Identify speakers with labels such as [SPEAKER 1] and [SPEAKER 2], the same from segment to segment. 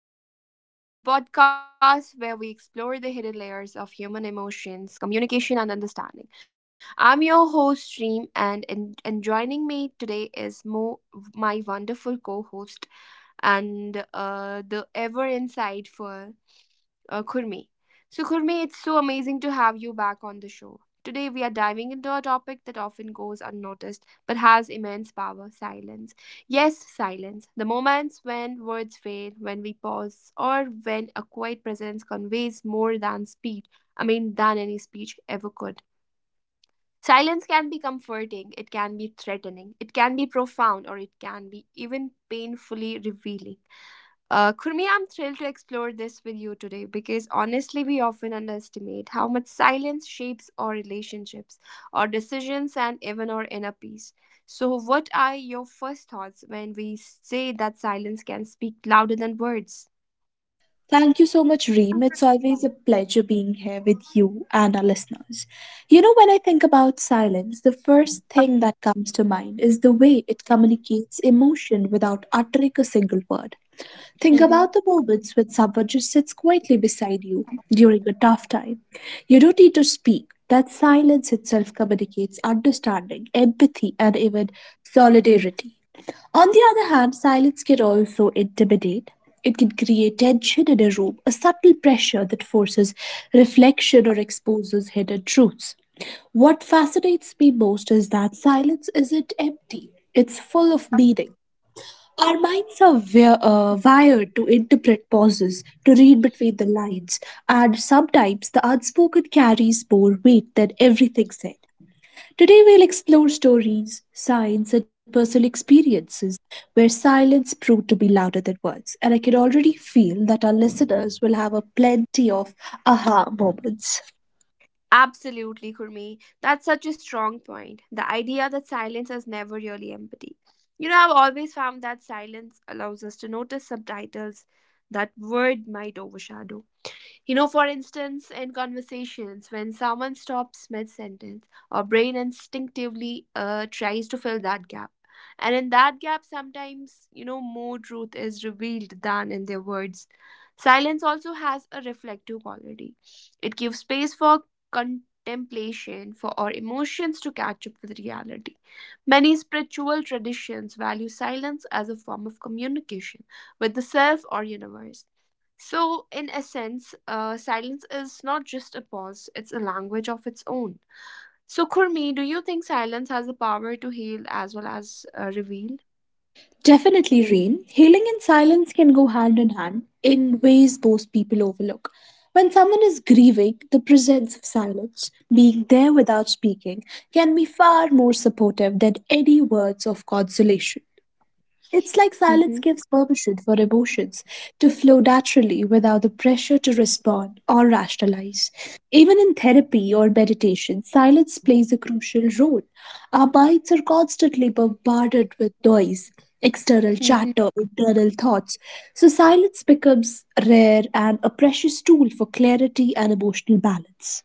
[SPEAKER 1] The Mindful Hour, the podcast where we explore the hidden layers of human emotions, communication, and understanding. I'm your host, Stream, and joining me today is Mo, my wonderful co host, and the ever insightful Kurmi. So, Kurmi, it's so amazing to have you back on the show. Today, we are diving into a topic that often goes unnoticed but has immense power silence. Yes, silence. The moments when words fail, when we pause, or when a quiet presence conveys more than than any speech ever could. Silence can be comforting, it can be threatening, it can be profound, or it can be even painfully revealing. Kurmi, I'm thrilled to explore this with you today because honestly, we often underestimate how much silence shapes our relationships, our decisions, and even our inner peace. So, what are your first thoughts when we say that silence can speak louder than words?
[SPEAKER 2] Thank you so much, Reem. It's always a pleasure being here with you and our listeners. You know, when I think about silence, the first thing that comes to mind is the way it communicates emotion without uttering a single word. Think
[SPEAKER 1] Mhm.
[SPEAKER 2] about the moments when someone just sits quietly beside you during a tough time. You don't need to speak. That silence itself communicates understanding, empathy, and even solidarity. On the other hand, silence can also intimidate. It can create tension in a room, a subtle pressure that forces reflection or exposes hidden truths. What fascinates me most is that silence isn't empty, it's full of meaning. Our minds are wired to interpret pauses, to read between the lines, and sometimes the unspoken carries more weight than everything said. Today, we'll explore stories, signs, and personal experiences where silence proved to be louder than words. And I can already feel that our listeners will have a plenty of aha moments.
[SPEAKER 1] Absolutely, Kurmi. That's such a strong point. The idea that silence is never really empty. You know, I've always found that silence allows us to notice subtitles that word might overshadow. You know, for instance, in conversations, when someone stops mid sentence, our brain instinctively tries to fill that gap. And in that gap, sometimes, you know, more truth is revealed than in their words. Silence also has a reflective quality, it gives space for contemplation, for our emotions to catch up with reality. Many spiritual traditions value silence as a form of communication with the self or universe. So, in essence, silence is not just a pause, it's a language of its own. So, Kurmi, do you think silence has the power to heal as well as reveal?
[SPEAKER 2] Definitely, Reem, healing and silence can go hand in hand in ways most people overlook. When someone is grieving, the presence of silence, being there without speaking, can be far more supportive than any words of consolation. It's like silence
[SPEAKER 1] Mm-hmm.
[SPEAKER 2] gives permission for emotions to flow naturally without the pressure to respond or rationalize. Even in therapy or meditation, silence plays a crucial role. Our minds are constantly bombarded with noise, external
[SPEAKER 1] Mm-hmm.
[SPEAKER 2] chatter, internal thoughts. So silence becomes rare and a precious tool for clarity and emotional balance.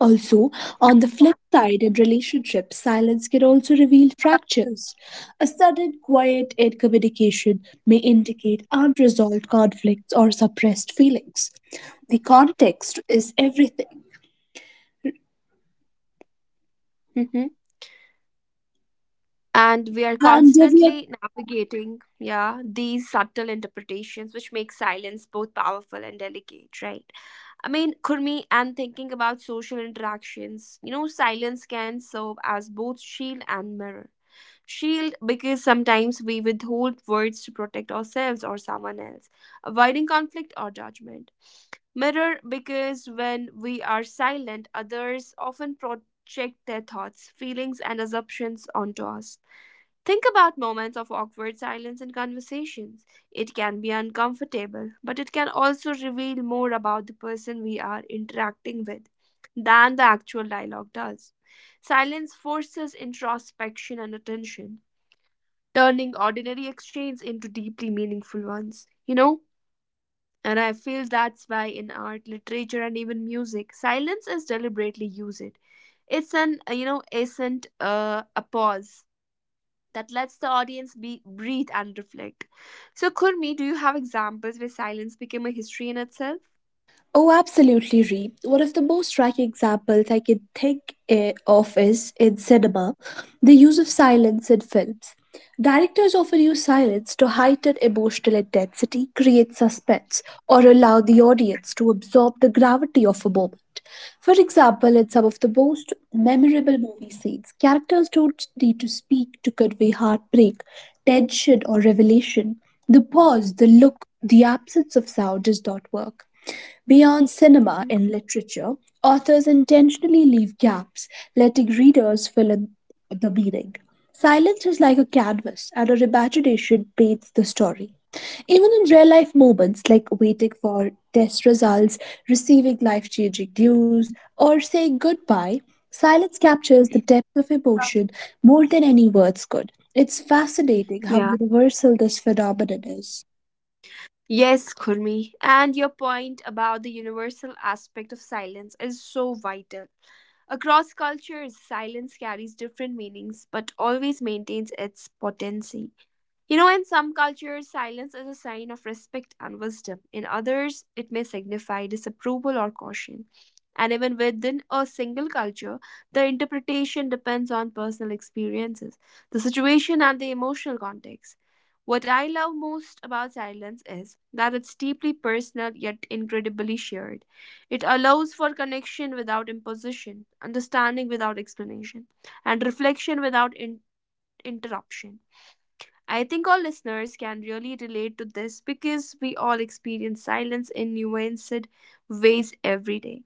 [SPEAKER 2] Also, on the flip side, in relationships, silence can also reveal fractures. A sudden quiet in communication may indicate unresolved conflicts or suppressed feelings. The context is everything.
[SPEAKER 1] Mm-hmm. And we are
[SPEAKER 2] And we are
[SPEAKER 1] constantly navigating, yeah, these subtle interpretations, which make silence both powerful and delicate, right? I mean, Kurmi, and thinking about social interactions, you know, silence can serve as both shield and mirror. Shield because sometimes we withhold words to protect ourselves or someone else, avoiding conflict or judgment. Mirror because when we are silent, others often project their thoughts, feelings, and assumptions onto us. Think about moments of awkward silence in conversations. It can be uncomfortable, but it can also reveal more about the person we are interacting with than the actual dialogue does. Silence forces introspection and attention, turning ordinary exchanges into deeply meaningful ones, you know? And I feel that's why in art, literature, and even music, silence is deliberately used. It's an, isn't a pause that lets the audience be breathe and reflect. So, Kurmi, do you have examples where silence became a history in itself?
[SPEAKER 2] Oh, absolutely, Reem. One of the most striking examples I can think of is in cinema, the use of silence in films. Directors often use silence to heighten emotional intensity, create suspense, or allow the audience to absorb the gravity of a moment. For example, in some of the most memorable movie scenes, characters don't need to speak to convey heartbreak, tension, or revelation. The pause, the look, the absence of sound does not work. Beyond cinema
[SPEAKER 1] Mhm.
[SPEAKER 2] and literature, authors intentionally leave gaps, letting readers fill in the meaning. Silence is like a canvas, and a repatriation paints the story. Even in real life moments like waiting for test results, receiving life changing news, or saying goodbye, silence captures the depth of emotion more than any words could. It's fascinating how
[SPEAKER 1] Yeah.
[SPEAKER 2] universal this phenomenon is.
[SPEAKER 1] Yes, Kurmi. And your point about the universal aspect of silence is so vital. Across cultures, silence carries different meanings but always maintains its potency. You know, in some cultures, silence is a sign of respect and wisdom. In others, it may signify disapproval or caution. And even within a single culture, the interpretation depends on personal experiences, the situation, and the emotional context. What I love most about silence is that it's deeply personal yet incredibly shared. It allows for connection without imposition, understanding without explanation, and reflection without interruption. I think all listeners can really relate to this because we all experience silence in nuanced ways every day.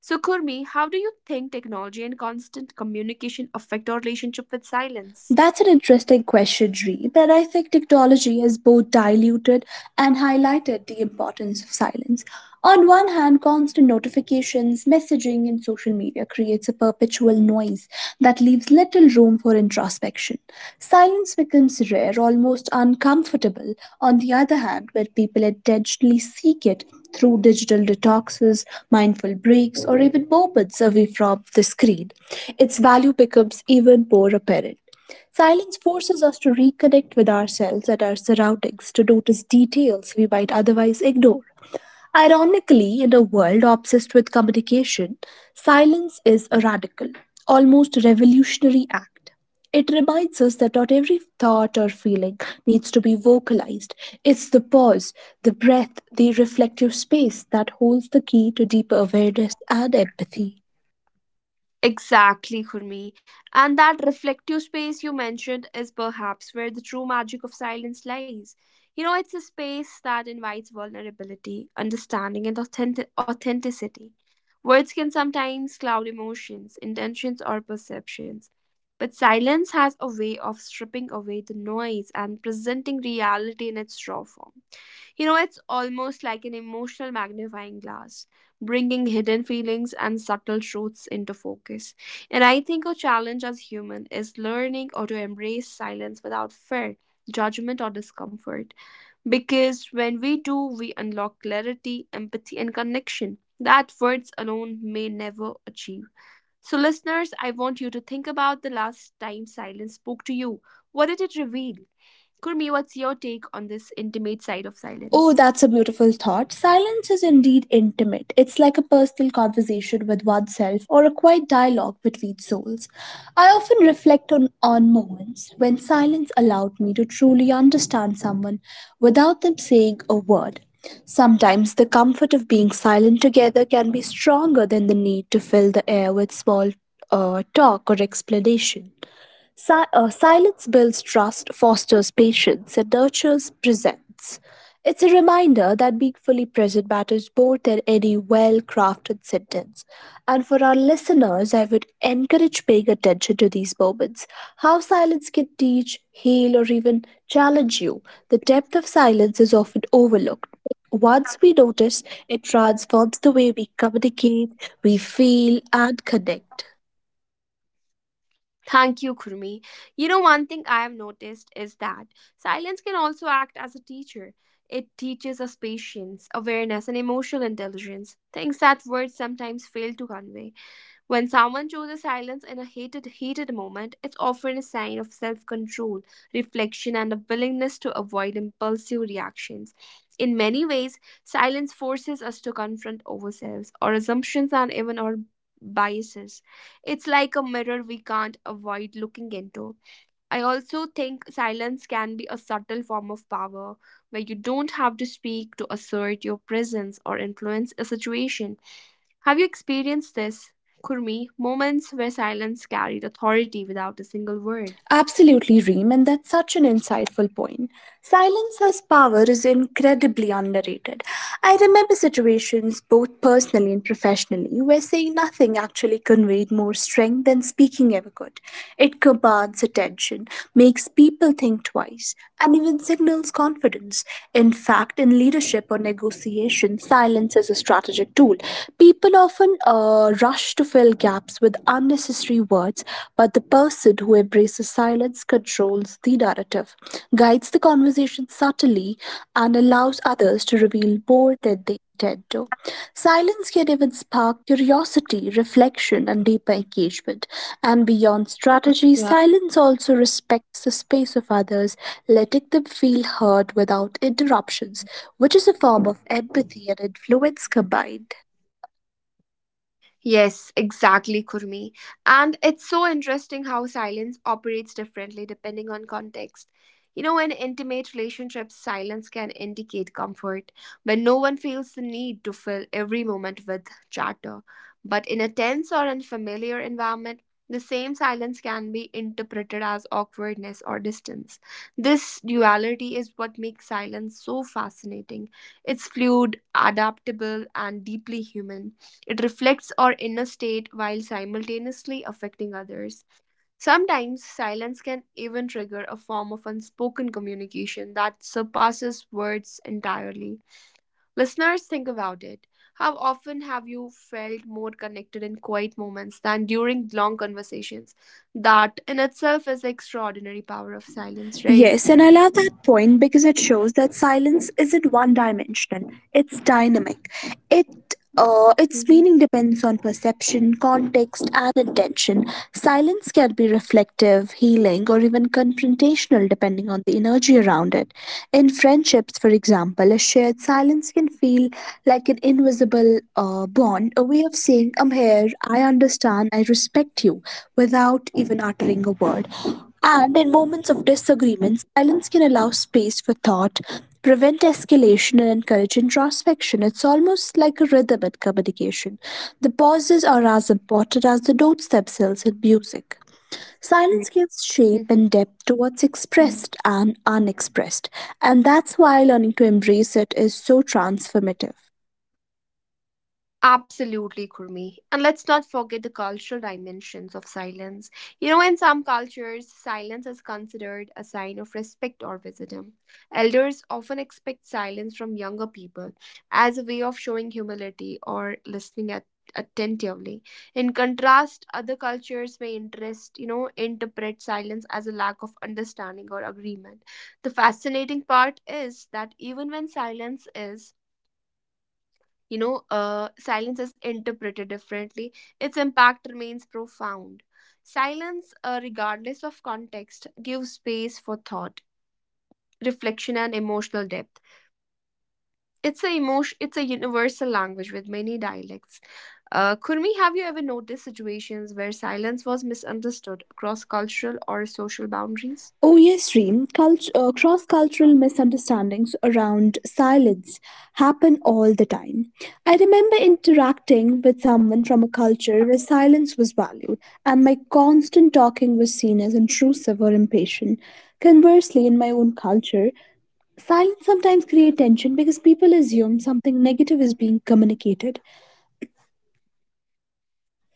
[SPEAKER 1] So, Kurmi, how do you think technology and constant communication affect our relationship with silence?
[SPEAKER 2] That's an interesting question, Reem, and I think technology has both diluted and highlighted the importance of silence. On one hand, constant notifications, messaging, and social media creates a perpetual noise that leaves little room for introspection. Silence becomes rare, almost uncomfortable. On the other hand, where people intentionally seek it through digital detoxes, mindful breaks, or even moments away from the screen, its value becomes even more apparent. Silence forces us to reconnect with ourselves and our surroundings to notice details we might otherwise ignore. Ironically, in a world obsessed with communication, silence is a radical, almost revolutionary act. It reminds us that not every thought or feeling needs to be vocalized. It's the pause, the breath, the reflective space that holds the key to deeper awareness and empathy.
[SPEAKER 1] Exactly, Kurmi. And that reflective space you mentioned is perhaps where the true magic of silence lies. You know, it's a space that invites vulnerability, understanding, and authenticity. Words can sometimes cloud emotions, intentions, or perceptions. But silence has a way of stripping away the noise and presenting reality in its raw form. You know, it's almost like an emotional magnifying glass, bringing hidden feelings and subtle truths into focus. And I think our challenge as human is learning how to embrace silence without fear, judgment, or discomfort. Because when we do, we unlock clarity, empathy, and connection that words alone may never achieve. So, listeners, I want you to think about the last time silence spoke to you. What did it reveal? Kurmi, what's your take on this intimate side of
[SPEAKER 2] Oh,
[SPEAKER 1] silence?
[SPEAKER 2] that's a beautiful thought. Silence is indeed intimate. It's like a personal conversation with oneself or a quiet dialogue between souls. I often reflect on moments when silence allowed me to truly understand someone without them saying a word. Sometimes the comfort of being silent together can be stronger than the need to fill the air with small talk or explanation. Silence builds trust, fosters patience, and nurtures presence. It's a reminder that being fully present matters more than any well crafted sentence. And for our listeners, I would encourage paying attention to these moments how silence can teach, heal, or even challenge you. The depth of silence is often overlooked. Once we notice, it transforms the way we communicate, we feel, and connect.
[SPEAKER 1] Thank you, Kurmi. You know, one thing I have noticed is that silence can also act as a teacher. It teaches us patience, awareness, and emotional intelligence, things that words sometimes fail to convey. When someone chooses silence in a heated moment, it's often a sign of self control, reflection, and a willingness to avoid impulsive reactions. In many ways, silence forces us to confront ourselves, our assumptions, and even our biases. It's like a mirror we can't avoid looking into. I also think silence can be a subtle form of power where you don't have to speak to assert your presence or influence a situation. Have you experienced this, Kurmi? Moments where silence carried authority without a single word.
[SPEAKER 2] Absolutely, Reem, and that's such an insightful point. Silence as power is incredibly underrated. I remember situations, both personally and professionally, where saying nothing actually conveyed more strength than speaking ever could. It commands attention, makes people think twice, and even signals confidence. In fact, in leadership or negotiation, silence is a strategic tool. People often rush to fill gaps with unnecessary words, but the person who embraces silence controls the narrative, guides the conversation subtly, and allows others to reveal more than they intend to. Silence can even spark curiosity, reflection, and deeper engagement. And beyond strategy,
[SPEAKER 1] Yeah.
[SPEAKER 2] silence also respects the space of others, letting them feel heard without interruptions, which is a form of empathy and influence combined.
[SPEAKER 1] Yes, exactly, Kurmi. And it's so interesting how silence operates differently depending on context. You know, in intimate relationships, silence can indicate comfort when no one feels the need to fill every moment with chatter. But in a tense or unfamiliar environment, the same silence can be interpreted as awkwardness or distance. This duality is what makes silence so fascinating. It's fluid, adaptable, and deeply human. It reflects our inner state while simultaneously affecting others. Sometimes silence can even trigger a form of unspoken communication that surpasses words entirely. Listeners, think about it. How often have you felt more connected in quiet moments than during long conversations? That in itself is the extraordinary power of silence, right?
[SPEAKER 2] Yes, and I love that point because it shows that silence isn't one dimensional, it's dynamic. It Its
[SPEAKER 1] Mm-hmm.
[SPEAKER 2] meaning depends on perception, context, and intention. Silence can be reflective, healing, or even confrontational depending on the energy around it. In friendships, for example, a shared silence can feel like an invisible bond, a way of saying, I'm here, I understand, I respect you, without even uttering a word. And in moments of disagreement, silence can allow space for thought, prevent escalation, and encourage introspection. It's almost like a rhythm in communication. The pauses are as important as the notes themselves in music. Silence gives shape
[SPEAKER 1] Mm-hmm.
[SPEAKER 2] and depth to what's expressed and unexpressed, and that's why learning to embrace it is so transformative.
[SPEAKER 1] Absolutely, Kurmi. And let's not forget the cultural dimensions of silence. You know, in some cultures, silence is considered a sign of respect or wisdom. Elders often expect silence from younger people as a way of showing humility or listening at attentively in contrast other cultures may interest you know interpret silence as a lack of understanding or agreement the fascinating part is that even when silence is silence is interpreted differently. Its impact remains profound. Silence, regardless of context, gives space for thought, reflection, and emotional depth. It's a emotion. It's a universal language with many dialects. Kurmi, have you ever noticed situations where silence was misunderstood across cultural or social boundaries?
[SPEAKER 2] Oh, yes, Reem. Cross cultural misunderstandings around silence happen all the time. I remember interacting with someone from a culture where silence was valued, and my constant talking was seen as intrusive or impatient. Conversely, in my own culture, silence sometimes creates tension because people assume something negative is being communicated.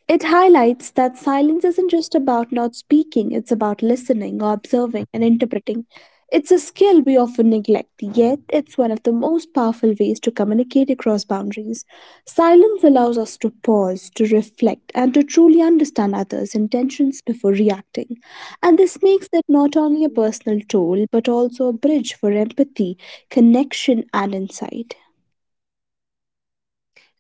[SPEAKER 2] It highlights that silence isn't just about not speaking, it's about listening, observing, and interpreting. It's a skill we often neglect, yet, it's one of the most powerful ways to communicate across boundaries. Silence allows us to pause, to reflect, and to truly understand others' intentions before reacting. And this makes it not only a
[SPEAKER 1] Mhm.
[SPEAKER 2] personal tool, but also a bridge for empathy, connection, and insight.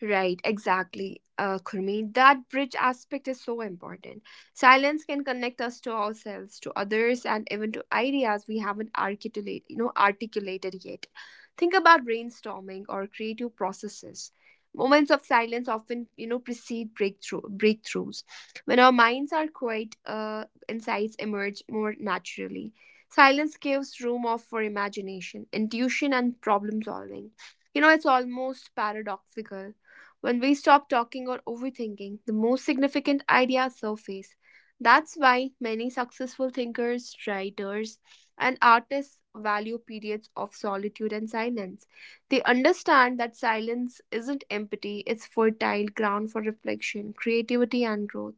[SPEAKER 1] Right, exactly, Kurmi. That bridge aspect is so important. Silence can connect us to ourselves, to others, and even to ideas we haven't articulated yet. Think about brainstorming or creative processes. Moments of silence often, you know, precede breakthroughs. When our minds are quiet, insights emerge more naturally. Silence gives room off for imagination, intuition, and problem solving. You know, it's almost paradoxical when we stop talking or overthinking, the most significant ideas surface. That's why many successful thinkers, writers, and artists value periods of solitude and silence. They understand that silence isn't empty, it's fertile ground for reflection, creativity, and growth.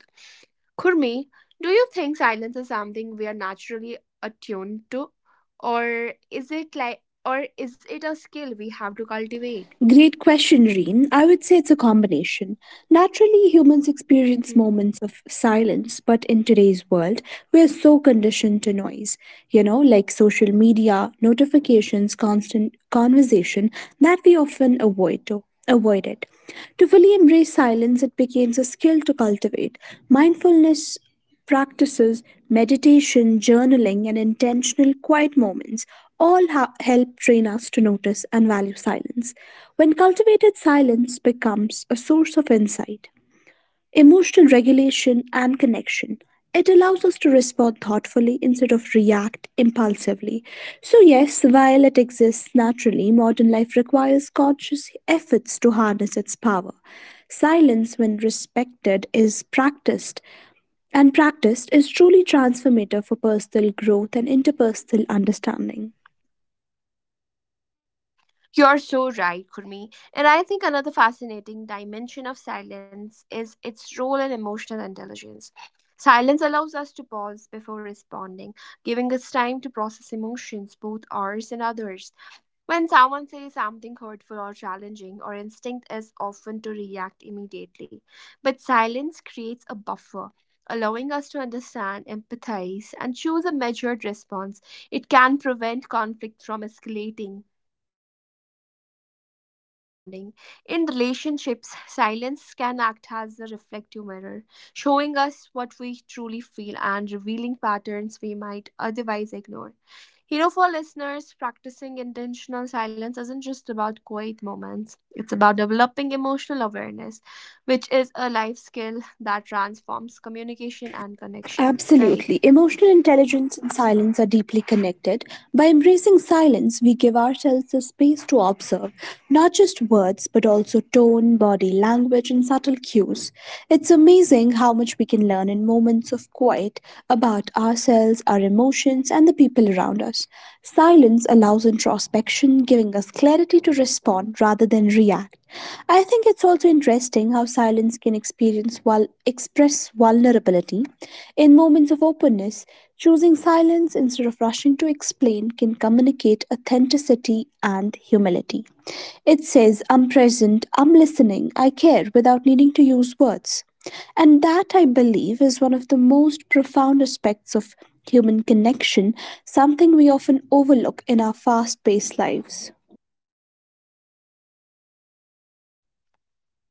[SPEAKER 1] Kurmi, do you think silence is something we are naturally attuned to? Or is it a skill we have to cultivate?
[SPEAKER 2] Great question, Reen. I would say it's a combination. Naturally, humans experience
[SPEAKER 1] Mhm.
[SPEAKER 2] moments of silence, but in today's world, we are so conditioned to noise, you know, like social media, notifications, constant conversation, that we often avoid to avoid it. To fully embrace silence, it becomes a skill to cultivate. Mindfulness Practices, meditation, journaling, and intentional quiet moments all help train us to notice and value silence. When cultivated, silence becomes a source of insight, emotional regulation, and connection. It allows us to respond thoughtfully instead of react impulsively. So, yes, while it exists naturally, modern life requires conscious efforts to harness its power. Silence, when respected, is practiced and practiced is truly transformative for personal growth and interpersonal understanding.
[SPEAKER 1] You're so right, Kurmi. And I think another fascinating dimension of silence is its role in emotional intelligence. Silence allows us to pause before responding, giving us time to process emotions, both ours and others. When someone says something hurtful or challenging, our instinct is often to react immediately. But silence creates a buffer, allowing us to understand, empathize, and choose a measured response. It can prevent conflict from escalating and promote deeper understanding. In relationships, silence can act as a reflective mirror, showing us what we truly feel and revealing patterns we might otherwise ignore. You know, for listeners, practicing intentional silence isn't just about quiet moments, it's about developing emotional awareness, which is a life skill that transforms communication and connection, right?
[SPEAKER 2] Absolutely. Emotional intelligence and silence are deeply connected. By embracing silence, we give ourselves the space to observe not just words, but also tone, body language, and subtle cues. It's amazing how much we can learn in moments of quiet about ourselves, our emotions, and the people around us. Others. Silence allows introspection, giving us clarity to respond rather than react. I think it's also interesting how silence can experience while express vulnerability. In moments of openness, choosing silence instead of rushing to explain can communicate authenticity and humility. It says, I'm present, I'm listening, I care without needing to use words. And that, I believe, is one of the most profound aspects of human connection, something we often overlook in our fast paced lives.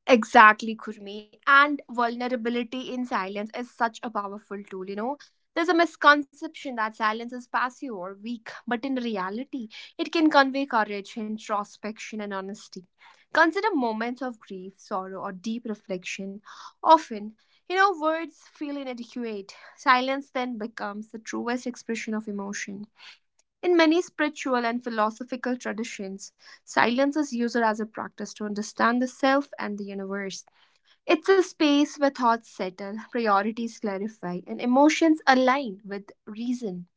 [SPEAKER 1] Exactly, Kurmi. And vulnerability in silence is such a powerful tool, you know. There's a misconception that silence is passive or weak, but in reality, it can convey courage, introspection, and honesty. Consider moments of grief, sorrow, or deep reflection. Often, you know, words feel inadequate. Silence then becomes the truest expression of emotion. In many spiritual and philosophical traditions, silence is used as a practice to understand the self and the universe. It's a space where thoughts settle, priorities clarify, and emotions align with reason.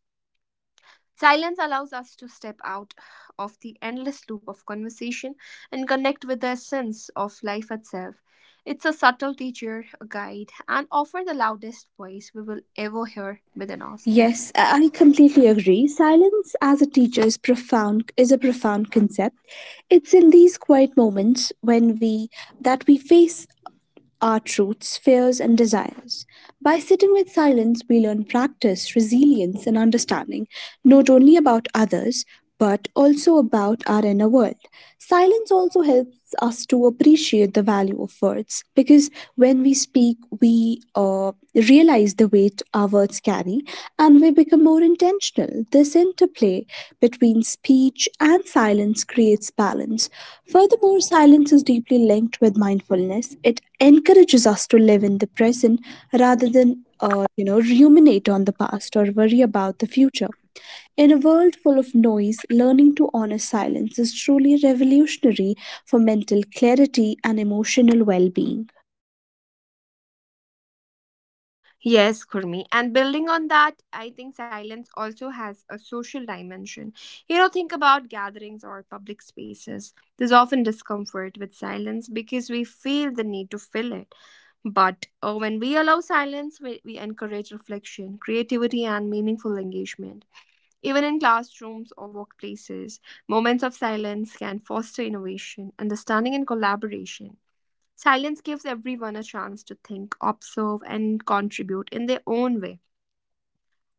[SPEAKER 1] Silence allows us to step out of the endless loop of conversation and connect with the essence of life itself. It's a subtle teacher, a guide, and often the loudest voice we will ever hear within ourselves.
[SPEAKER 2] Yes, I completely agree. Silence as a teacher is profound is a profound concept. It's in these quiet moments when we that we face our truths, fears, and desires. By sitting with silence, we learn practice, resilience, and understanding, not only about others, but also about our inner world. Silence also helps us to appreciate the value of words because when we speak, we realize the weight our words carry, and we become more intentional. This interplay between speech and silence creates balance. Furthermore, silence is deeply linked with mindfulness. It encourages us to live in the present rather than you know ruminate on the past or worry about the future. In a world full of noise, learning to honor silence is truly revolutionary for mental clarity and emotional well being.
[SPEAKER 1] Yes, Kurmi. And building on that, I think silence also has a social dimension. You know, think about gatherings or public spaces. There's often discomfort with silence because we feel the need to fill it. But when we allow silence, we encourage reflection, creativity, and meaningful engagement. Even in classrooms or workplaces, moments of silence can foster innovation, understanding, and collaboration. Silence gives everyone a chance to think, observe, and contribute in their own way.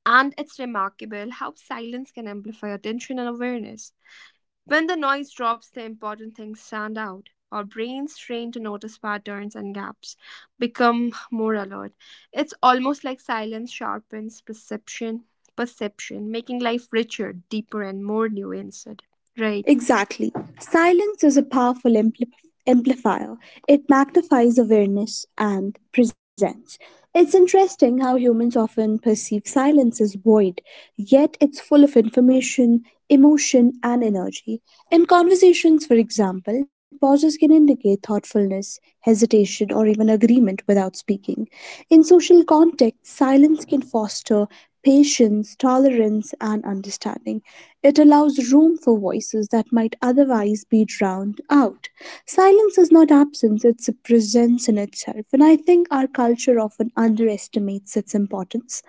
[SPEAKER 1] And it's remarkable how silence can amplify attention and awareness. When the noise drops, the important things stand out. Our brains, trained to notice patterns and gaps, become more alert. It's almost like silence sharpens perception, making life richer, deeper, and more nuanced. Right.
[SPEAKER 2] Exactly. Silence is a powerful amplifier. It magnifies awareness and presence. It's interesting how humans often perceive silence as void, yet it's full of information, emotion, and energy. In conversations, for example, pauses can indicate thoughtfulness, hesitation, or even agreement without speaking. In social contexts, silence can foster patience, tolerance, and understanding. It allows room for voices that might otherwise be drowned out. Silence is not absence, it's a presence in itself, and I think our culture often underestimates its importance.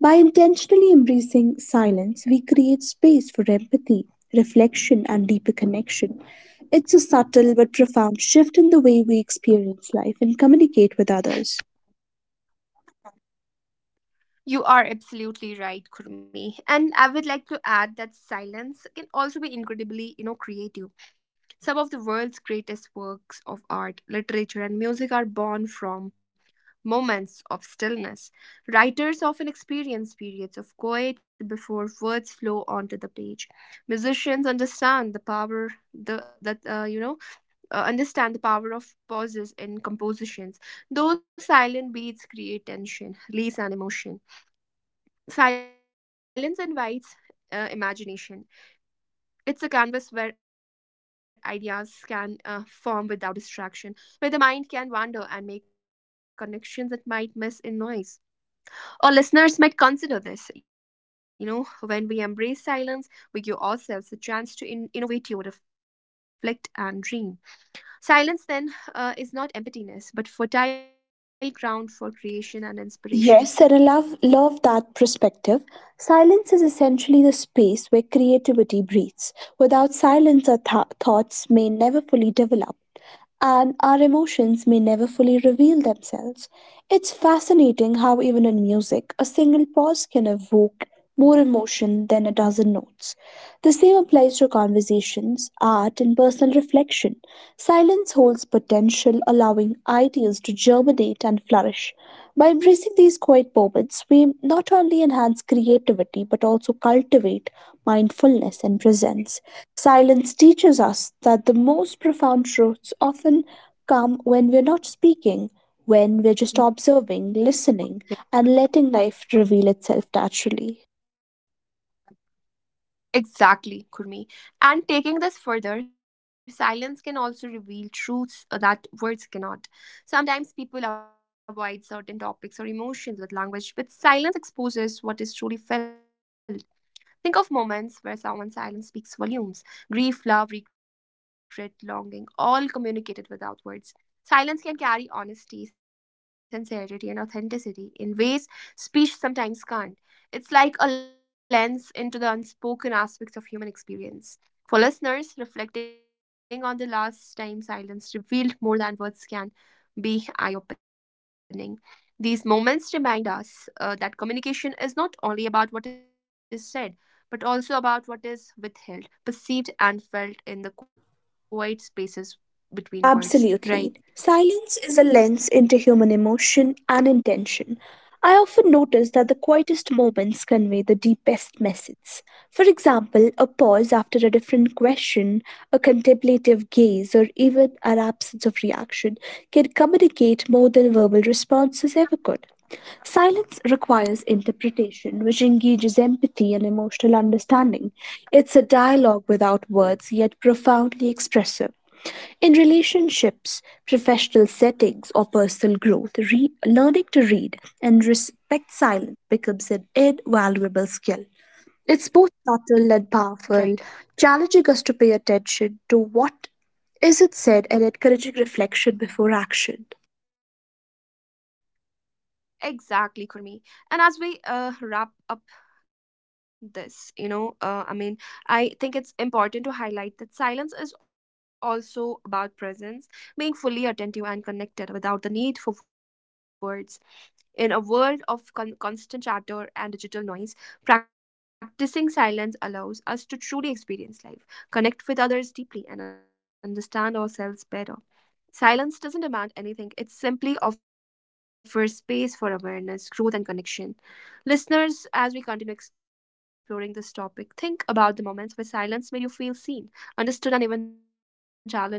[SPEAKER 2] By intentionally embracing silence, we create space for empathy, reflection, and deeper connection. It's a subtle but profound shift in the way we experience life and communicate with others.
[SPEAKER 1] You are absolutely right, Kurmi. And I would like to add that silence can also be incredibly, you know, creative. Some of the world's greatest works of art, literature, and music are born from moments of stillness. Writers often experience periods of quiet before words flow onto the page. Musicians understand the power the that you know understand the power of pauses in compositions. Those silent beats create tension, release, and emotion. Silence invites imagination. It's a canvas where ideas can form without distraction, where the mind can wander and make connections that might miss in noise. Our listeners might consider this. You know, when we embrace silence, we give ourselves a chance to innovate, to reflect, and dream. Silence then is not emptiness, but fertile ground for creation and inspiration.
[SPEAKER 2] Yes, and I love, love that perspective. Silence is essentially the space where creativity breathes. Without silence, our thoughts may never fully develop and our emotions may never fully reveal themselves. It's fascinating how, even in music, a single pause can evoke more emotion than a dozen notes. The same applies to conversations, art, and personal reflection. Silence holds potential, allowing ideas to germinate and flourish. By embracing these quiet moments, we not only enhance creativity but also cultivate mindfulness and presence. Silence teaches us that the most profound truths often come when we're not speaking, when we're
[SPEAKER 1] Mm.
[SPEAKER 2] just observing, listening, and letting life reveal itself naturally.
[SPEAKER 1] Exactly, Kurmi. And taking this further, silence can also reveal truths that words cannot. Sometimes people avoid certain topics or emotions with language, but silence exposes what is truly felt. Think of moments where someone's silence speaks volumes: grief, love, regret, longing, all communicated without words. Silence can carry honesty, sincerity, and authenticity in ways speech sometimes can't. It's like a lens into the unspoken aspects of human experience. For listeners, reflecting on the last time silence revealed more than words can be eye opening. These moments remind us that communication is not only about what is said, but also about what is withheld, perceived, and felt in the quiet spaces between words.
[SPEAKER 2] Absolutely.
[SPEAKER 1] Right.
[SPEAKER 2] Silence is a lens into human emotion and intention. I often notice that the quietest moments convey the deepest messages. For example, a pause after a different question, a contemplative gaze, or even an absence of reaction can communicate more than verbal responses ever could. Silence requires interpretation, which engages empathy and emotional understanding. It's a dialogue without words, yet profoundly expressive. In relationships, professional settings, or personal growth, learning to read and respect silence becomes an invaluable skill. It's both subtle and powerful,
[SPEAKER 1] Right.
[SPEAKER 2] challenging us to pay attention to what isn't said and encouraging reflection before action.
[SPEAKER 1] Exactly, Kurmi. And as we wrap up this, I think it's important to highlight that silence is also about presence, being fully attentive and connected without the need for words. In a world of constant chatter and digital noise, practicing silence allows us to truly experience life, connect with others deeply, and understand ourselves better. Silence doesn't demand anything, it simply offers space for awareness, growth, and connection. Listeners, as we continue exploring this topic, think about the moments where silence made you feel seen, understood, and even challenged.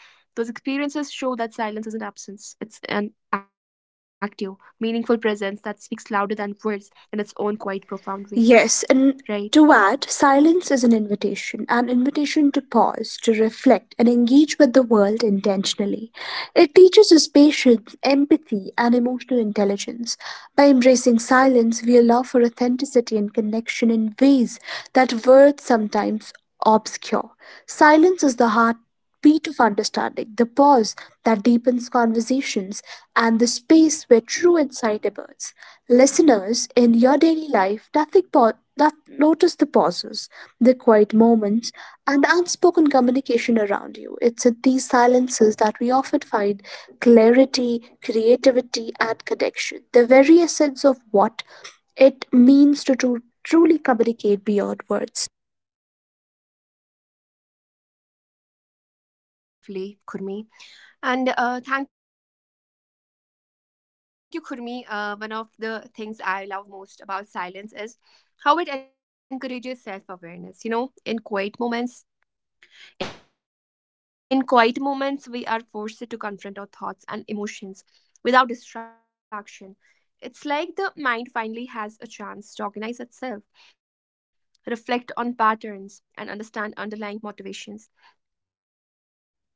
[SPEAKER 1] Those experiences show that silence isn't absence, it's an active, meaningful presence that speaks louder than words in its own quite profound way,
[SPEAKER 2] Yes,
[SPEAKER 1] right?
[SPEAKER 2] and to add, silence is an invitation to pause, to reflect, and engage with the world intentionally. It teaches us patience, empathy, and emotional intelligence. By embracing silence, we allow for authenticity and connection in ways that words sometimes obscure. Silence is the heart beat of understanding, the pause that deepens conversations, and the space where true insight emerges. Listeners, in your daily life, nothing pa- not notice the pauses, the quiet moments, and the unspoken communication around you. It's in these silences that we often find clarity, creativity, and connection, the very essence of what it means to truly communicate beyond words.
[SPEAKER 1] Yes, you put that so beautifully, Kurmi. And thank you, Kurmi. One of the things I love most about silence is how it encourages self-awareness. You know, in quiet moments, we are forced to confront our thoughts and emotions without distraction. It's like the mind finally has a chance to organize itself, reflect on patterns, and understand underlying motivations.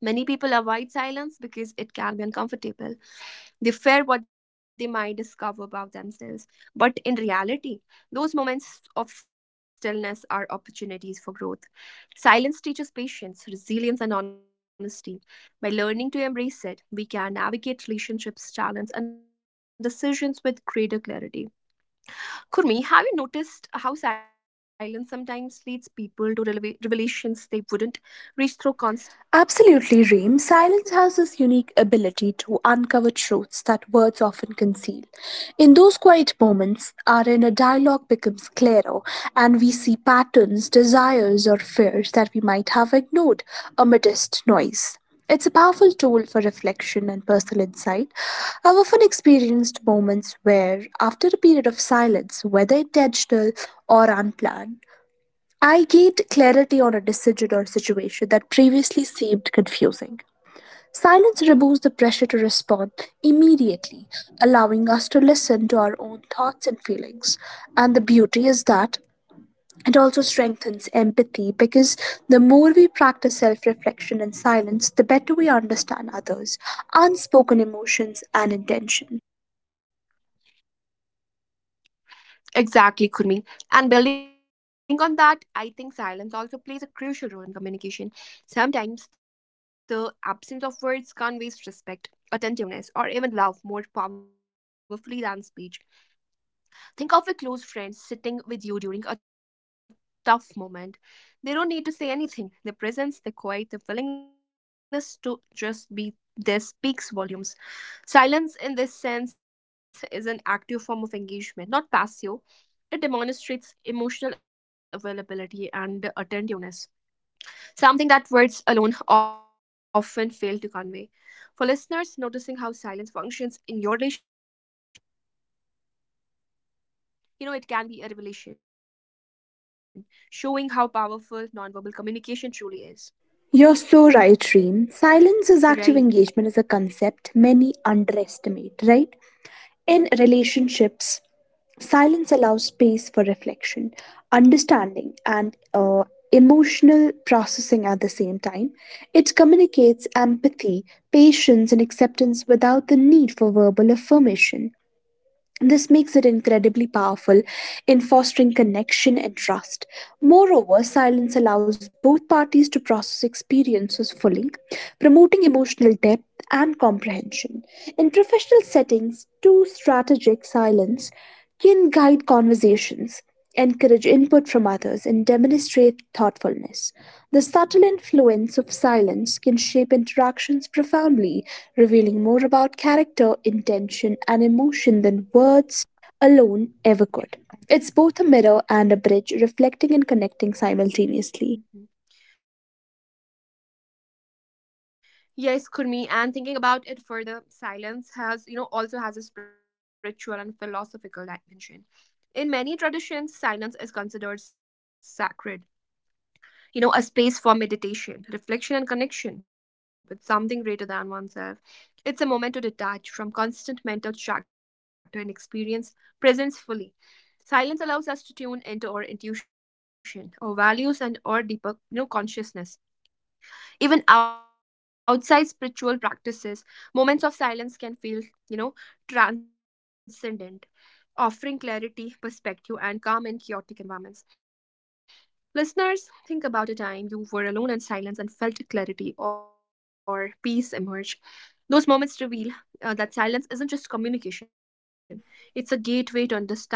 [SPEAKER 1] Many people avoid silence because it can be uncomfortable. They fear what they might discover about themselves. But in reality, those moments of stillness are opportunities for growth. Silence teaches patience, resilience, and honesty. By learning to embrace it, we can navigate relationships, talents, and decisions with greater clarity. Kurmi, have you noticed how silence sometimes leads people to revelations they wouldn't reach through constant
[SPEAKER 2] Absolutely, Reem.
[SPEAKER 1] discussion?
[SPEAKER 2] Silence has this unique ability to uncover truths that words often conceal. In those quiet moments, our inner dialogue becomes clearer and we see patterns, desires, or fears that we might have ignored amidst noise. It's a powerful tool for reflection and personal insight. I've often experienced moments where, after a period of silence, whether intentional or unplanned, I gained clarity on a decision or situation that previously seemed confusing. Silence removes the pressure to respond immediately, allowing us to listen to our own thoughts and feelings. And the beauty is that it also strengthens empathy because the more we practice self reflection in silence, the better we understand others, unspoken emotions, and intentions.
[SPEAKER 1] Exactly, Kurmi. And building on that, I think silence also plays a crucial role in communication. Sometimes the absence of words conveys respect, attentiveness, or even love more powerfully than speech. Think of a close friend sitting with you during a tough moment. They don't need to say anything. Their presence, their quiet, their willingness to just be there speaks volumes. Silence, in this sense, is an active form of engagement, not passive. It demonstrates emotional availability and attentiveness, something that words alone often fail to convey. For listeners, noticing how silence functions in your relationship, you know, it can be a revelation, showing how powerful nonverbal communication truly is.
[SPEAKER 2] You're so right, Reem. Silence is
[SPEAKER 1] Right.
[SPEAKER 2] active engagement is a concept many underestimate, right? In relationships, silence allows space for reflection, understanding, and emotional processing at the same time. It communicates empathy, patience, and acceptance without the need for verbal affirmation. This makes it incredibly powerful in fostering connection and trust. Moreover, silence allows both parties to process experiences fully, promoting emotional depth and comprehension. In professional settings, too, strategic silence can guide conversations, encourage input from others, and demonstrate thoughtfulness. The subtle influence of silence can shape interactions profoundly, revealing more about character, intention, and emotion than words alone ever could. It's both a mirror and a bridge, reflecting and connecting simultaneously.
[SPEAKER 1] Mhm. Yes, Kurmi, and thinking about it further, silence has, you know, also has a spiritual and philosophical dimension. In many traditions, silence is considered sacred, you know, a space for meditation, reflection, and connection with something greater than oneself. It's a moment to detach from constant mental chatter and experience presence fully. Silence allows us to tune into our intuition, our values, and our deeper, you know, consciousness. Even outside spiritual practices, moments of silence can feel, you know, transcendent, offering clarity, perspective, and calm in chaotic environments. Listeners, think about a time you were alone in silence and felt clarity or peace emerge. Those moments reveal that silence isn't just communication, it's a gateway to understanding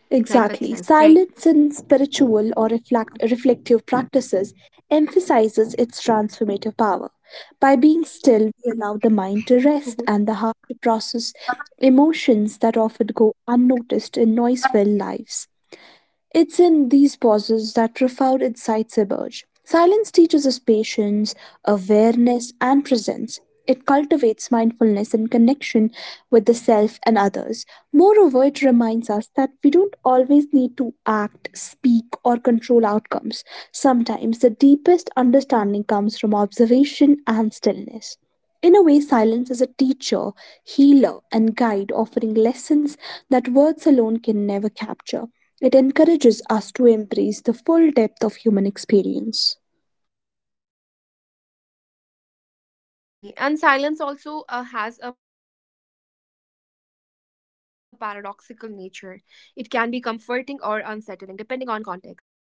[SPEAKER 1] life
[SPEAKER 2] Exactly.
[SPEAKER 1] itself, right?
[SPEAKER 2] Silence in spiritual or reflective practices emphasizes its transformative power. By being still, we allow the mind to
[SPEAKER 1] Mm-hmm.
[SPEAKER 2] rest and the heart to process emotions that often go unnoticed in noise filled lives. It's in these pauses that profound insights emerge. Silence teaches us patience, awareness, and presence. It cultivates mindfulness and connection with the self and others. Moreover, it reminds us that we don't always need to act, speak, or control outcomes. Sometimes the deepest understanding comes from observation and stillness. In a way, silence is a teacher, healer, and guide offering lessons that words alone can never capture. It encourages us to embrace the full depth of human experience.
[SPEAKER 1] Right, and absolutely, Kurmi. And silence also has a paradoxical nature. It can be comforting or unsettling, depending on context.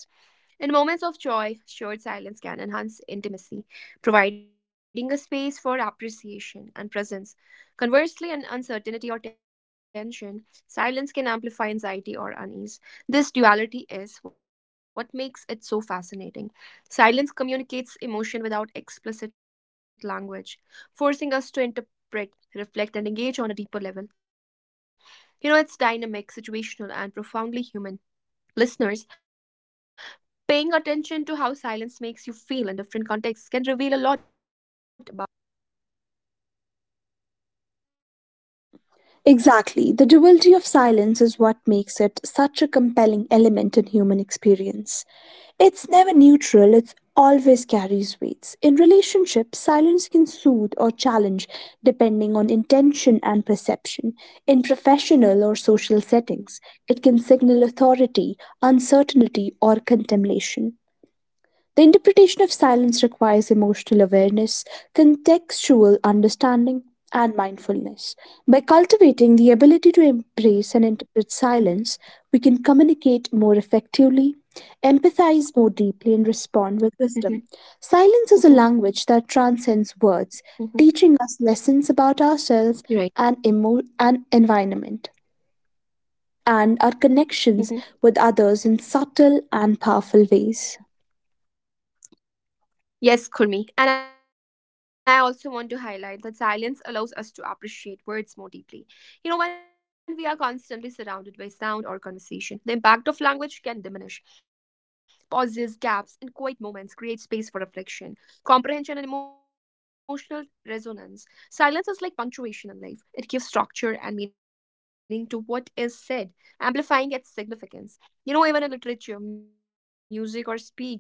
[SPEAKER 1] In moments of joy, shared silence can enhance intimacy, providing a space for appreciation and presence. Conversely, in uncertainty or tension, silence can amplify anxiety or unease. This duality is what makes it so fascinating. Silence communicates emotion without explicit language, forcing us to interpret, reflect, and engage on a deeper level. You know, it's dynamic, situational, and profoundly human. Listeners, paying attention to how silence makes you feel in different contexts can reveal a lot about your own emotions, relationships, and perceptions.
[SPEAKER 2] Exactly, the duality of silence is what makes it such a compelling element in human experience. It's never neutral, it always carries weights. In relationships, silence can soothe or challenge depending on intention and perception. In professional or social settings, it can signal authority, uncertainty, or contemplation. The interpretation of silence requires emotional awareness, contextual understanding, and mindfulness. By cultivating the ability to embrace and interpret silence, we can communicate more effectively, empathize more deeply, and respond with
[SPEAKER 1] Mm-hmm.
[SPEAKER 2] wisdom. Silence is a
[SPEAKER 1] Mm-hmm.
[SPEAKER 2] language that transcends
[SPEAKER 1] Mm-hmm.
[SPEAKER 2] words, teaching us lessons about ourselves
[SPEAKER 1] You're right.
[SPEAKER 2] and, and environment, and our connections
[SPEAKER 1] Mm-hmm.
[SPEAKER 2] with others in subtle and powerful ways.
[SPEAKER 1] Yes, Kurmi. And I also want to highlight that silence allows us to appreciate words more deeply. You know, when we are constantly surrounded by sound or conversation, the impact of language can diminish. Pauses, gaps, and quiet moments create space for reflection, comprehension, and emotional resonance. Silence is like punctuation in life, it gives structure and meaning to what is said, amplifying its significance. You know, even in literature, music, or speech,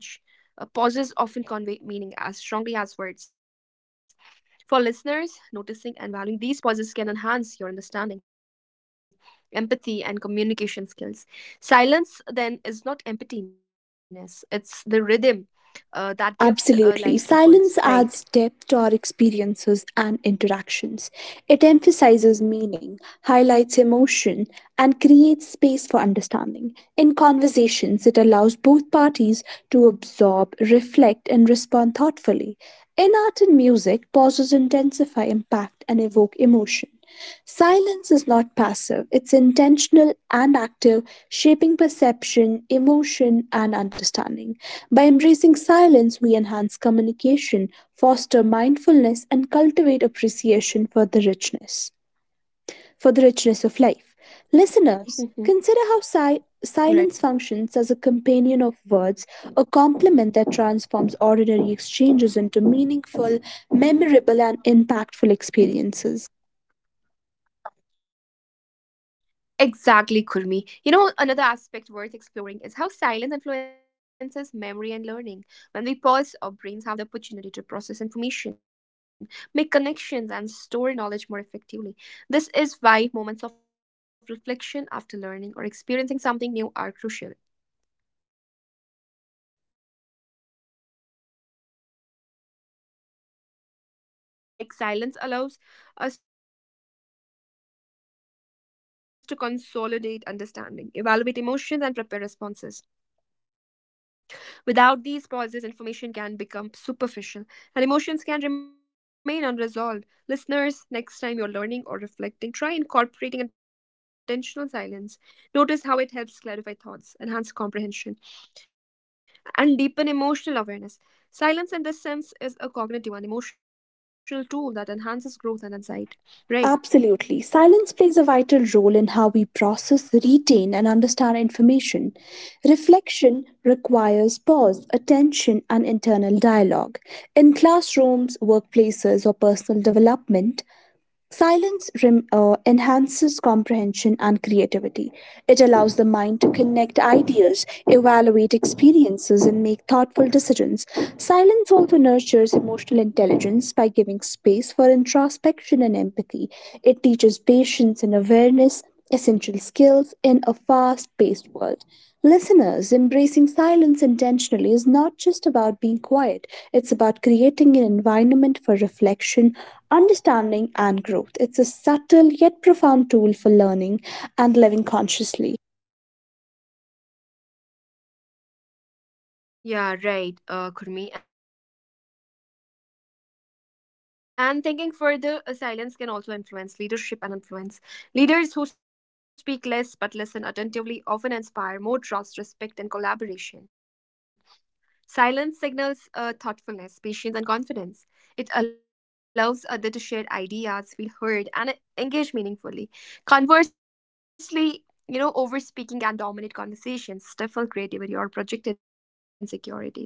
[SPEAKER 1] pauses often convey meaning as strongly as words. For listeners, noticing and valuing these pauses can enhance your understanding, empathy, and communication skills. Silence, then, is not emptiness, it's the rhythm that
[SPEAKER 2] Absolutely.
[SPEAKER 1] gives
[SPEAKER 2] Silence
[SPEAKER 1] life to
[SPEAKER 2] adds
[SPEAKER 1] words,
[SPEAKER 2] depth to our
[SPEAKER 1] right?
[SPEAKER 2] experiences and interactions. It emphasizes meaning, highlights emotion, and creates space for understanding. In conversations, it allows both parties to absorb, reflect, and respond thoughtfully. In art and music, pauses intensify impact and evoke emotion. Silence is not passive, it's intentional and active, shaping perception, emotion, and understanding. By embracing silence, we enhance communication, foster mindfulness, and cultivate appreciation for for the richness of life. Listeners,
[SPEAKER 1] Mhm.
[SPEAKER 2] consider how silence functions
[SPEAKER 1] Right.
[SPEAKER 2] as a companion of words, a complement that transforms ordinary exchanges into meaningful, memorable, and impactful experiences.
[SPEAKER 1] Exactly, Kurmi. You know, another aspect worth exploring is how silence influences memory and learning. When we pause, our brains have the opportunity to process information, make connections, and store knowledge more effectively. This is why moments of reflection after learning or experiencing something new are crucial. Can you please continue? I mean, like, silence allows us to consolidate understanding, evaluate emotions, and prepare responses. Without these pauses, information can become superficial and emotions can remain unresolved. Listeners, next time you're learning or reflecting, try incorporating intentional silence. Notice how it helps clarify thoughts, enhance comprehension, and deepen emotional awareness. Silence, in this sense, is a cognitive and emotional tool that enhances growth and insight. Right.
[SPEAKER 2] Absolutely. Silence plays a vital role in how we process, retain, and understand information. Reflection requires pause, attention, and internal dialogue. In classrooms, workplaces, or personal development, silence enhances comprehension and creativity. It allows the mind to connect ideas, evaluate experiences, and make thoughtful decisions. Silence also nurtures emotional intelligence by giving space for introspection and empathy. It teaches patience and awareness, essential skills in a fast paced world. Listeners, embracing silence intentionally is not just about being quiet, it's about creating an environment for reflection, understanding, and growth. It's a subtle yet profound tool for learning and living consciously.
[SPEAKER 1] Yeah, right, Kurmi. And thinking further, silence can also influence leadership and influence. Leaders who speak less but listen attentively often inspire more trust, respect, and collaboration. Silence signals thoughtfulness, patience, and confidence. It allows others to share ideas, feel heard, and engage meaningfully. Conversely, you know, over speaking can dominate conversations, stifle creativity, or project insecurity.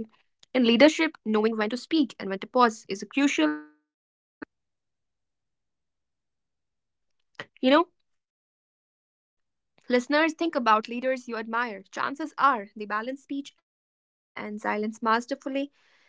[SPEAKER 1] In leadership, knowing when to speak and when to pause is crucial as the content of your words. You know, listeners, think about leaders you admire. Chances are they balance speech and silence masterfully.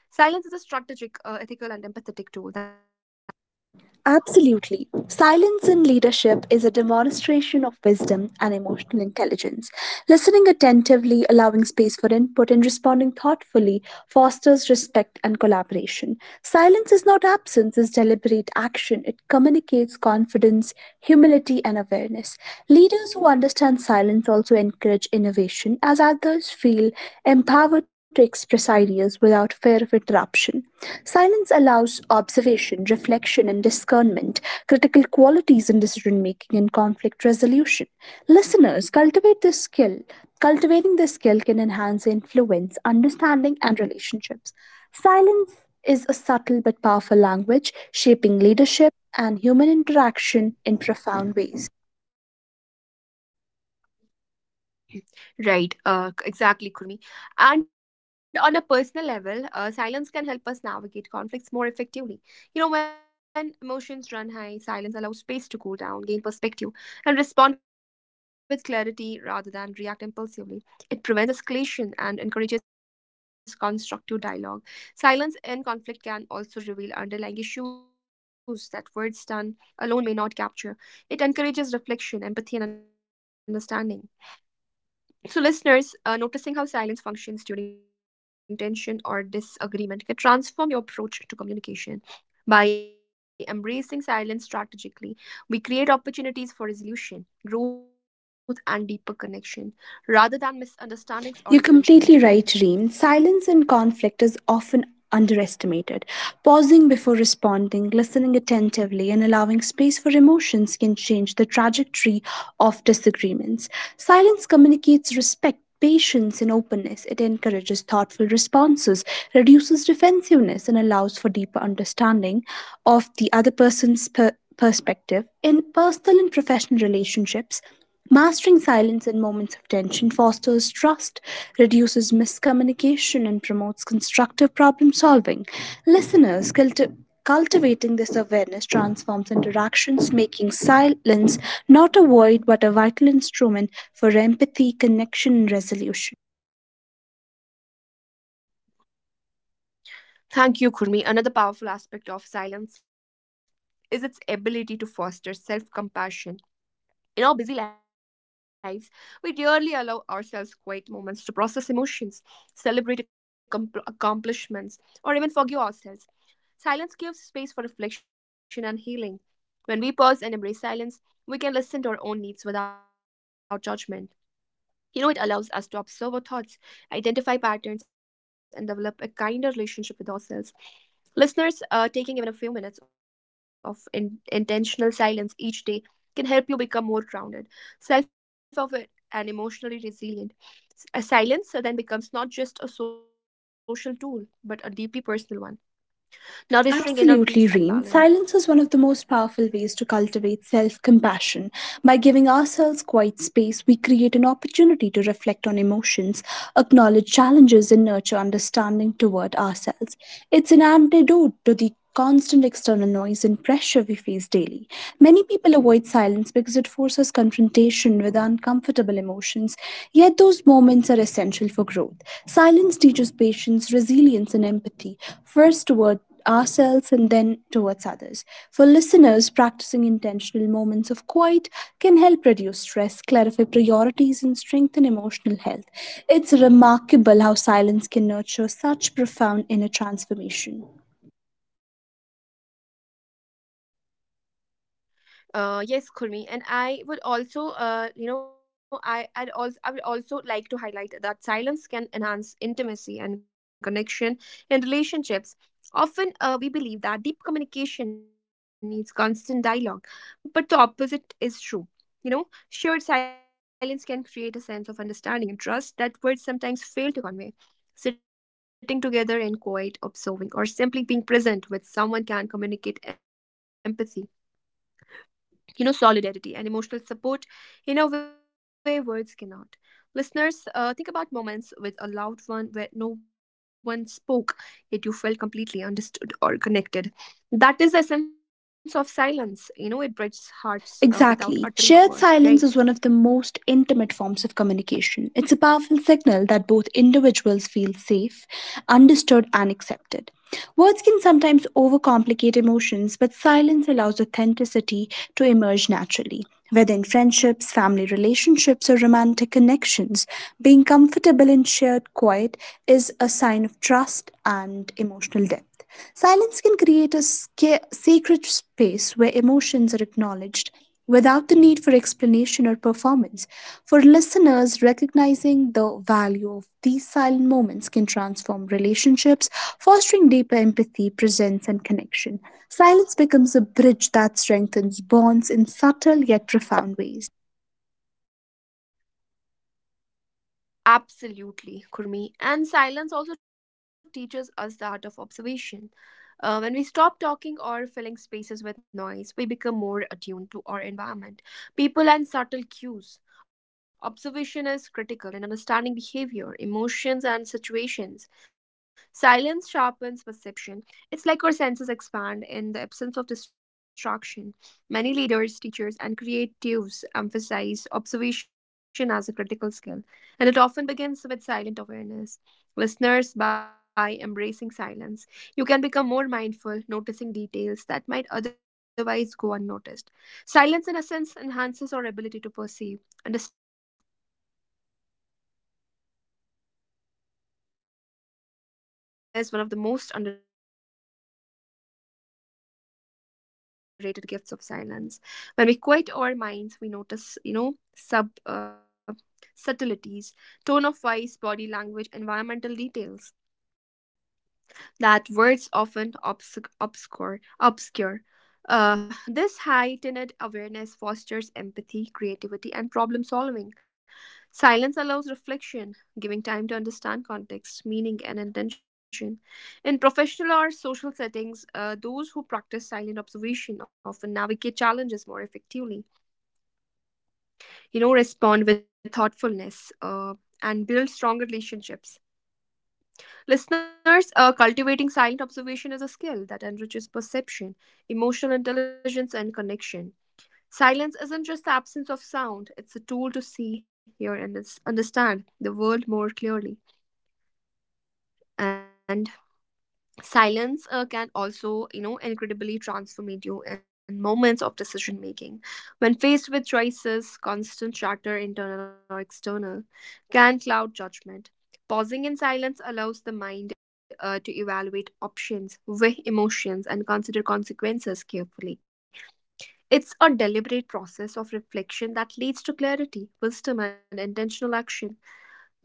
[SPEAKER 1] Silence is a strategic, ethical, and empathetic tool that amplifies presence,
[SPEAKER 2] Absolutely.
[SPEAKER 1] impact, and
[SPEAKER 2] Silence
[SPEAKER 1] connection.
[SPEAKER 2] in
[SPEAKER 1] Right.
[SPEAKER 2] leadership is a demonstration of wisdom and emotional intelligence. Listening attentively, allowing space for input, and responding thoughtfully fosters respect and collaboration. Silence is not absence, it's deliberate action. It communicates confidence, humility, and awareness. Leaders who understand silence also encourage innovation, as others feel empowered to express ideas without fear of interruption. Silence allows observation, reflection, and discernment, critical qualities in decision making and conflict resolution. Listeners, cultivate this skill. Cultivating this skill can enhance influence, understanding, and relationships. Silence is a subtle but powerful language, shaping leadership and human interaction in profound ways.
[SPEAKER 1] Right, exactly, Kurmi. And on a personal level, silence can help us navigate conflicts more effectively. You know, when emotions run high, silence allows space to cool down, gain perspective, and respond with clarity rather than react impulsively. It prevents escalation and encourages constructive dialogue. Silence in conflict can also reveal underlying issues that words done alone may not capture. It encourages reflection, empathy, and understanding. So, listeners, noticing how silence functions during tension or disagreement can transform your approach to communication. By embracing silence strategically, we create opportunities for resolution, growth, and deeper connection rather than misunderstandings
[SPEAKER 2] You're
[SPEAKER 1] or
[SPEAKER 2] completely
[SPEAKER 1] resentment,
[SPEAKER 2] right,
[SPEAKER 1] right?
[SPEAKER 2] Reem. Silence in conflict is often underestimated. Pausing before responding, listening attentively, and allowing space for emotions can change the trajectory of disagreements. Silence communicates respect. Patience and openness. It encourages thoughtful responses, reduces defensiveness, and allows for deeper understanding of the other person's perspective. In personal and professional relationships, mastering silence in moments of tension fosters trust, reduces miscommunication, and promotes constructive problem solving. Listeners, cultivating this awareness transforms interactions, making silence not a void but a vital instrument for empathy, connection, and resolution.
[SPEAKER 1] Thank you, Kurmi. Another powerful aspect of silence is its ability to foster self compassion. In our busy lives, we rarely allow ourselves quiet moments to process emotions, celebrate accomplishments, or even forgive ourselves. Silence gives space for reflection and healing. When we pause and embrace silence, we can listen to our own needs without judgment. You know, it allows us to observe our thoughts, identify patterns, and develop a kinder relationship with ourselves. Listeners, taking even a few minutes of intentional silence each day can help you become more grounded, self aware, and emotionally resilient. A silence then becomes not just a social tool, but a deeply personal one, nourishing inner
[SPEAKER 2] Absolutely,
[SPEAKER 1] peace and
[SPEAKER 2] Reem.
[SPEAKER 1] balance.
[SPEAKER 2] Silence is one of the most powerful ways to cultivate self compassion. By giving ourselves quiet space, we create an opportunity to reflect on emotions, acknowledge challenges, and nurture understanding toward ourselves. It's an antidote to the constant external noise and pressure we face daily. Many people avoid silence because it forces confrontation with uncomfortable emotions, yet, those moments are essential for growth. Silence teaches patience, resilience, and empathy, first toward ourselves and then towards others. For listeners, practicing intentional moments of quiet can help reduce stress, clarify priorities, and strengthen emotional health. It's remarkable how silence can nurture such profound inner transformation.
[SPEAKER 1] Yes, Kurmi, and I would also, you know, I I'd also I would also like to highlight that silence can enhance intimacy and connection in relationships. Often, we believe that deep communication needs constant dialogue, but the opposite is true. You know, shared silence can create a sense of understanding and trust that words sometimes fail to convey. Sitting together in quiet, observing, or simply being present with someone can communicate empathy, you know, solidarity and emotional support in a way words cannot. Listeners, think about moments with a loved one where no one spoke, yet you felt completely understood or connected. That is the essence of silence. You know, it bridges hearts without
[SPEAKER 2] Exactly.
[SPEAKER 1] uttering a
[SPEAKER 2] Shared
[SPEAKER 1] word, right?
[SPEAKER 2] silence is one of the most intimate forms of communication. It's a powerful signal that both individuals feel safe, understood, and accepted. Words can sometimes overcomplicate emotions, but silence allows authenticity to emerge naturally. Whether in friendships, family relationships, or romantic connections, being comfortable in shared quiet is a sign of trust and emotional depth. Silence can create a sacred space where emotions are acknowledged without the need for explanation or performance. For listeners, recognizing the value of these silent moments can transform relationships, fostering deeper empathy, presence, and connection. Silence becomes a bridge that strengthens bonds in subtle yet profound ways.
[SPEAKER 1] Absolutely, Kurmi. And silence also teaches us the art of observation. When we stop talking or filling spaces with noise, we become more attuned to our environment, people, and subtle cues. Observation is critical in understanding behavior, emotions, and situations. Silence sharpens perception. It's like our senses expand in the absence of distraction. Many leaders, teachers, and creatives emphasize observation as a critical skill, and it often begins with silent awareness. Listeners, by embracing silence, you can become more mindful, noticing details that might otherwise go unnoticed. Silence, in essence, enhances our ability to perceive, understand, and respond to the world more effectively, right? And observation is one of the most underrated gifts of silence. When we quiet our minds, we notice, you know, subtleties, tone of voice, body language, environmental details that words often obscure. This heightened awareness fosters empathy, creativity, and problem solving. Silence allows reflection, giving time to understand context, meaning, and intention. In professional or social settings, those who practice silent observation often navigate challenges more effectively, you know, respond with thoughtfulness, and build stronger relationships. Listeners, cultivating silent observation is a skill that enriches perception, emotional intelligence, and connection. Silence isn't just the absence of sound, it's a tool to see, hear, and understand the world more clearly. And silence can also, you know, incredibly transform you in moments of decision making. When faced with choices, constant chatter, internal or external, can cloud judgment. Pausing in silence allows the mind, to evaluate options, weigh emotions, and consider consequences carefully. It's a deliberate process of reflection that leads to clarity, wisdom, and intentional action.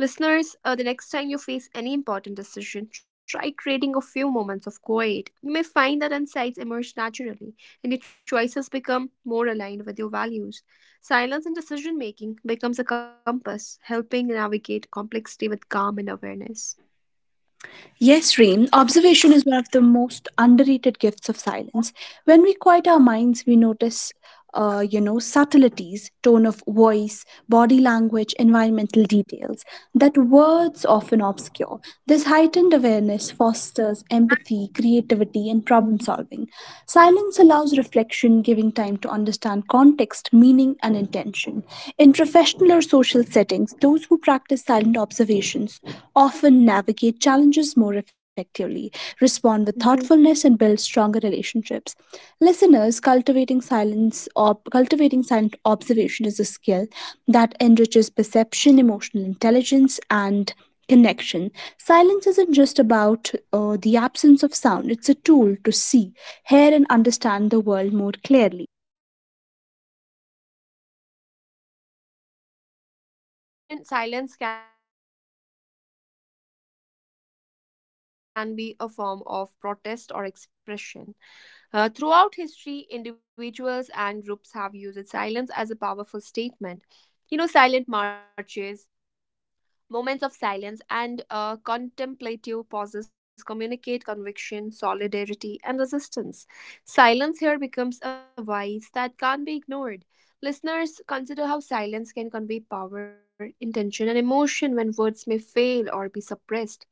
[SPEAKER 1] Listeners, the next time you face any important decision, try creating a few moments of quiet. You may find that insights emerge naturally and your choices become more aligned with your values. Silence in decision making becomes a compass, helping navigate complexity with calm and awareness.
[SPEAKER 2] Yes, Reem, observation is one of the most underrated gifts of silence. When we quiet our minds, we notice, subtleties, tone of voice, body language, environmental details that words often obscure. This heightened awareness fosters empathy, creativity, and problem solving. Silence allows reflection, giving time to understand context, meaning, and intention. In professional or social settings, those who practice silent observations often navigate challenges more effectively, respond with
[SPEAKER 1] Mhm.
[SPEAKER 2] thoughtfulness, and build stronger relationships. Listeners, cultivating silence or cultivating silent observation is a skill that enriches perception, emotional intelligence, and connection. Silence isn't just about the absence of sound, it's a tool to see, hear, and understand the world more clearly.
[SPEAKER 1] Right, and beyond reflection, silence can be a form of protest or expression. Throughout history, individuals and groups have used silence as a powerful statement. You know, silent marches, moments of silence, and contemplative pauses communicate conviction, solidarity, and resistance. Silence here becomes a vice that can't be ignored. Listeners, consider how silence can convey power, intention, and emotion when words may fail or be suppressed.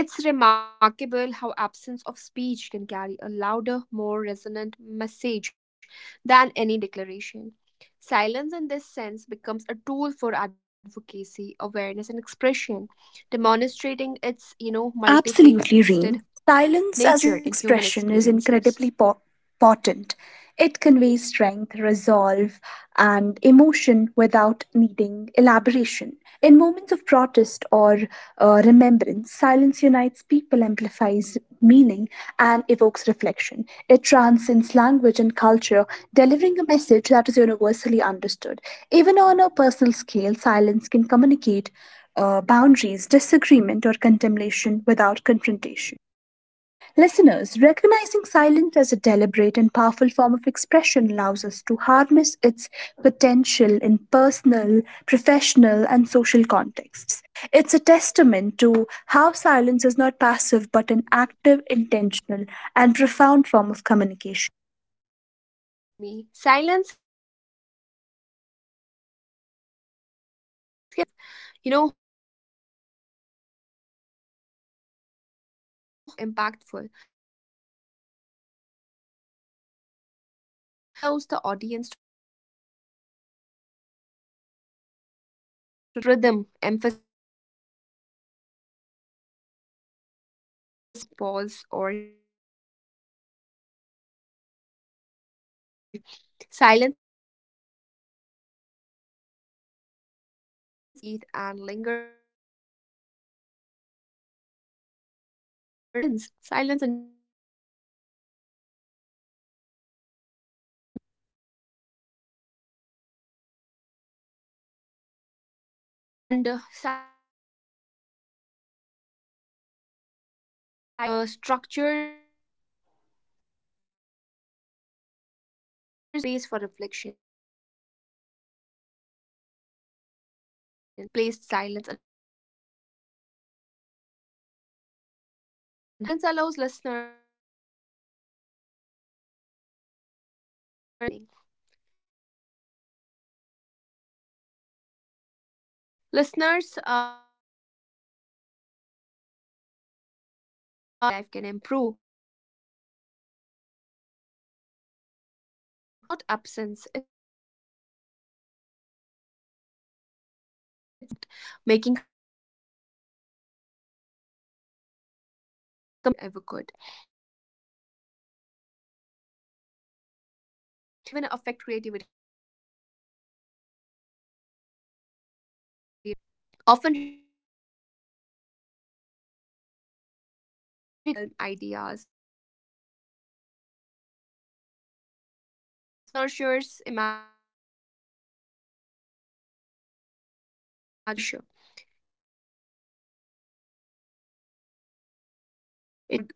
[SPEAKER 1] It's remarkable how absence of speech can carry a louder, more resonant message than any declaration. Silence, in this sense, becomes a tool for advocacy, awareness, and expression, demonstrating its, you know, multifaceted
[SPEAKER 2] Absolutely, Reem.
[SPEAKER 1] nature and
[SPEAKER 2] Silence as
[SPEAKER 1] human
[SPEAKER 2] expression is
[SPEAKER 1] experiences.
[SPEAKER 2] incredibly potent. It conveys strength, resolve, and emotion without needing elaboration. In moments of protest or remembrance, silence unites people, amplifies meaning, and evokes reflection. It transcends language and culture, delivering a message that is universally understood. Even on a personal scale, silence can communicate boundaries, disagreement, or contemplation without confrontation. Listeners, recognizing silence as a deliberate and powerful form of expression allows us to harness its potential in personal, professional, and social contexts. It's a testament to how silence is not passive but an active, intentional, and profound form of communication.
[SPEAKER 1] Exactly, Kurmi. Silence can also enhance storytelling and communication in everyday life. You know, pauses, moments of quiet, and timing can make narratives more impactful. Whether telling a story, giving a speech, or even teaching, silence allows the audience to reflect, anticipate, and internalize meaning. It creates rhythm, emphasis, and emotional resonance. Listeners, pay attention to how pause or quiet moments in stories or speeches affect your understanding and engagement. Silence adds dimension and depth. It allows the message to breathe and linger, making it memorable. Words alone can be fleeting, but silence ensures they resonate long after they are spoken, right? And silence is essential in effective communication as well. It structures conversation, emphasizing key points and creating space for reflection. In teaching, storytelling, or public speaking, well placed silence enhances comprehension, emotional impact, and engagement. Silence allows listeners to process information, feel emotion, and draw personal meaning. It's a subtle tool, yet its effect is profound. Listeners, noticing how silence interacts with words in your daily life can improve both your speaking and listening skills. Silence is not absence, it's a deliberate pause that enhances understanding, empathy, and impact, making communication far more powerful than words alone ever could. And yeah, Kurmi, silence can, can even affect creativity in groups. Brainstorming sessions or collaborative projects often require moments of quiet reflection. I mean, too much noise can overwhelm ideas, while intentional pauses allow insights to surface. Silence nurtures imagination, promotes independent thinking, and encourages contribution without pressure. It allows diverse perspectives to emerge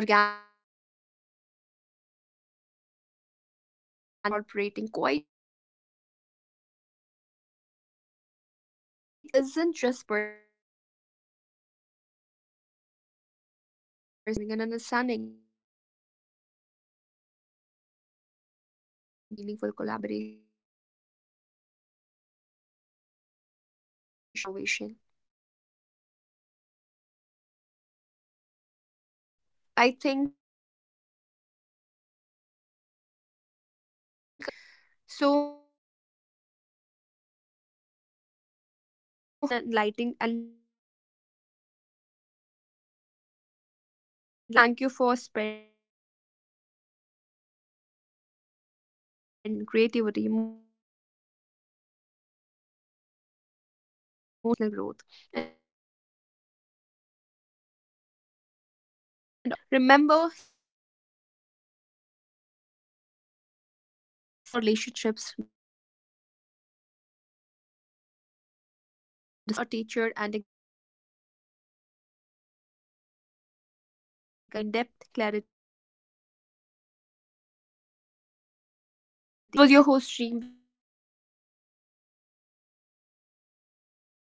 [SPEAKER 1] organically, leading to innovation. Listeners, consider incorporating quiet moments into collaborative work or study sessions. Silence isn't just personal, it's a collective tool that enhances creativity, problem solving, and understanding. It transforms interactions from chaotic chatter to meaningful collaboration, showing how silence fosters collective intelligence and innovation. So I think it's time to wrap the session up. So at last, I want to conclude with this that it's been like an enlightening journey exploring the power of silence together. Listeners, thank you for spending this time with us. Embrace silence as a tool for reflection, creativity, emotional balance, and connection. It enhances empathy, awareness, and personal growth, and offers profound lessons that words alone cannot convey. Remember, silence is active, intentional, and transformative. It enriches our relationships, decisions, and understanding of the world. Let it be a companion, a teacher, and a guide in your everyday life. Thank you for listening, and may you find depth, clarity, and presence in the beautiful space of quiet. This was your host, Stream, with my co host, Kurmi. We'll catch you in the next episode. Till then, bye bye.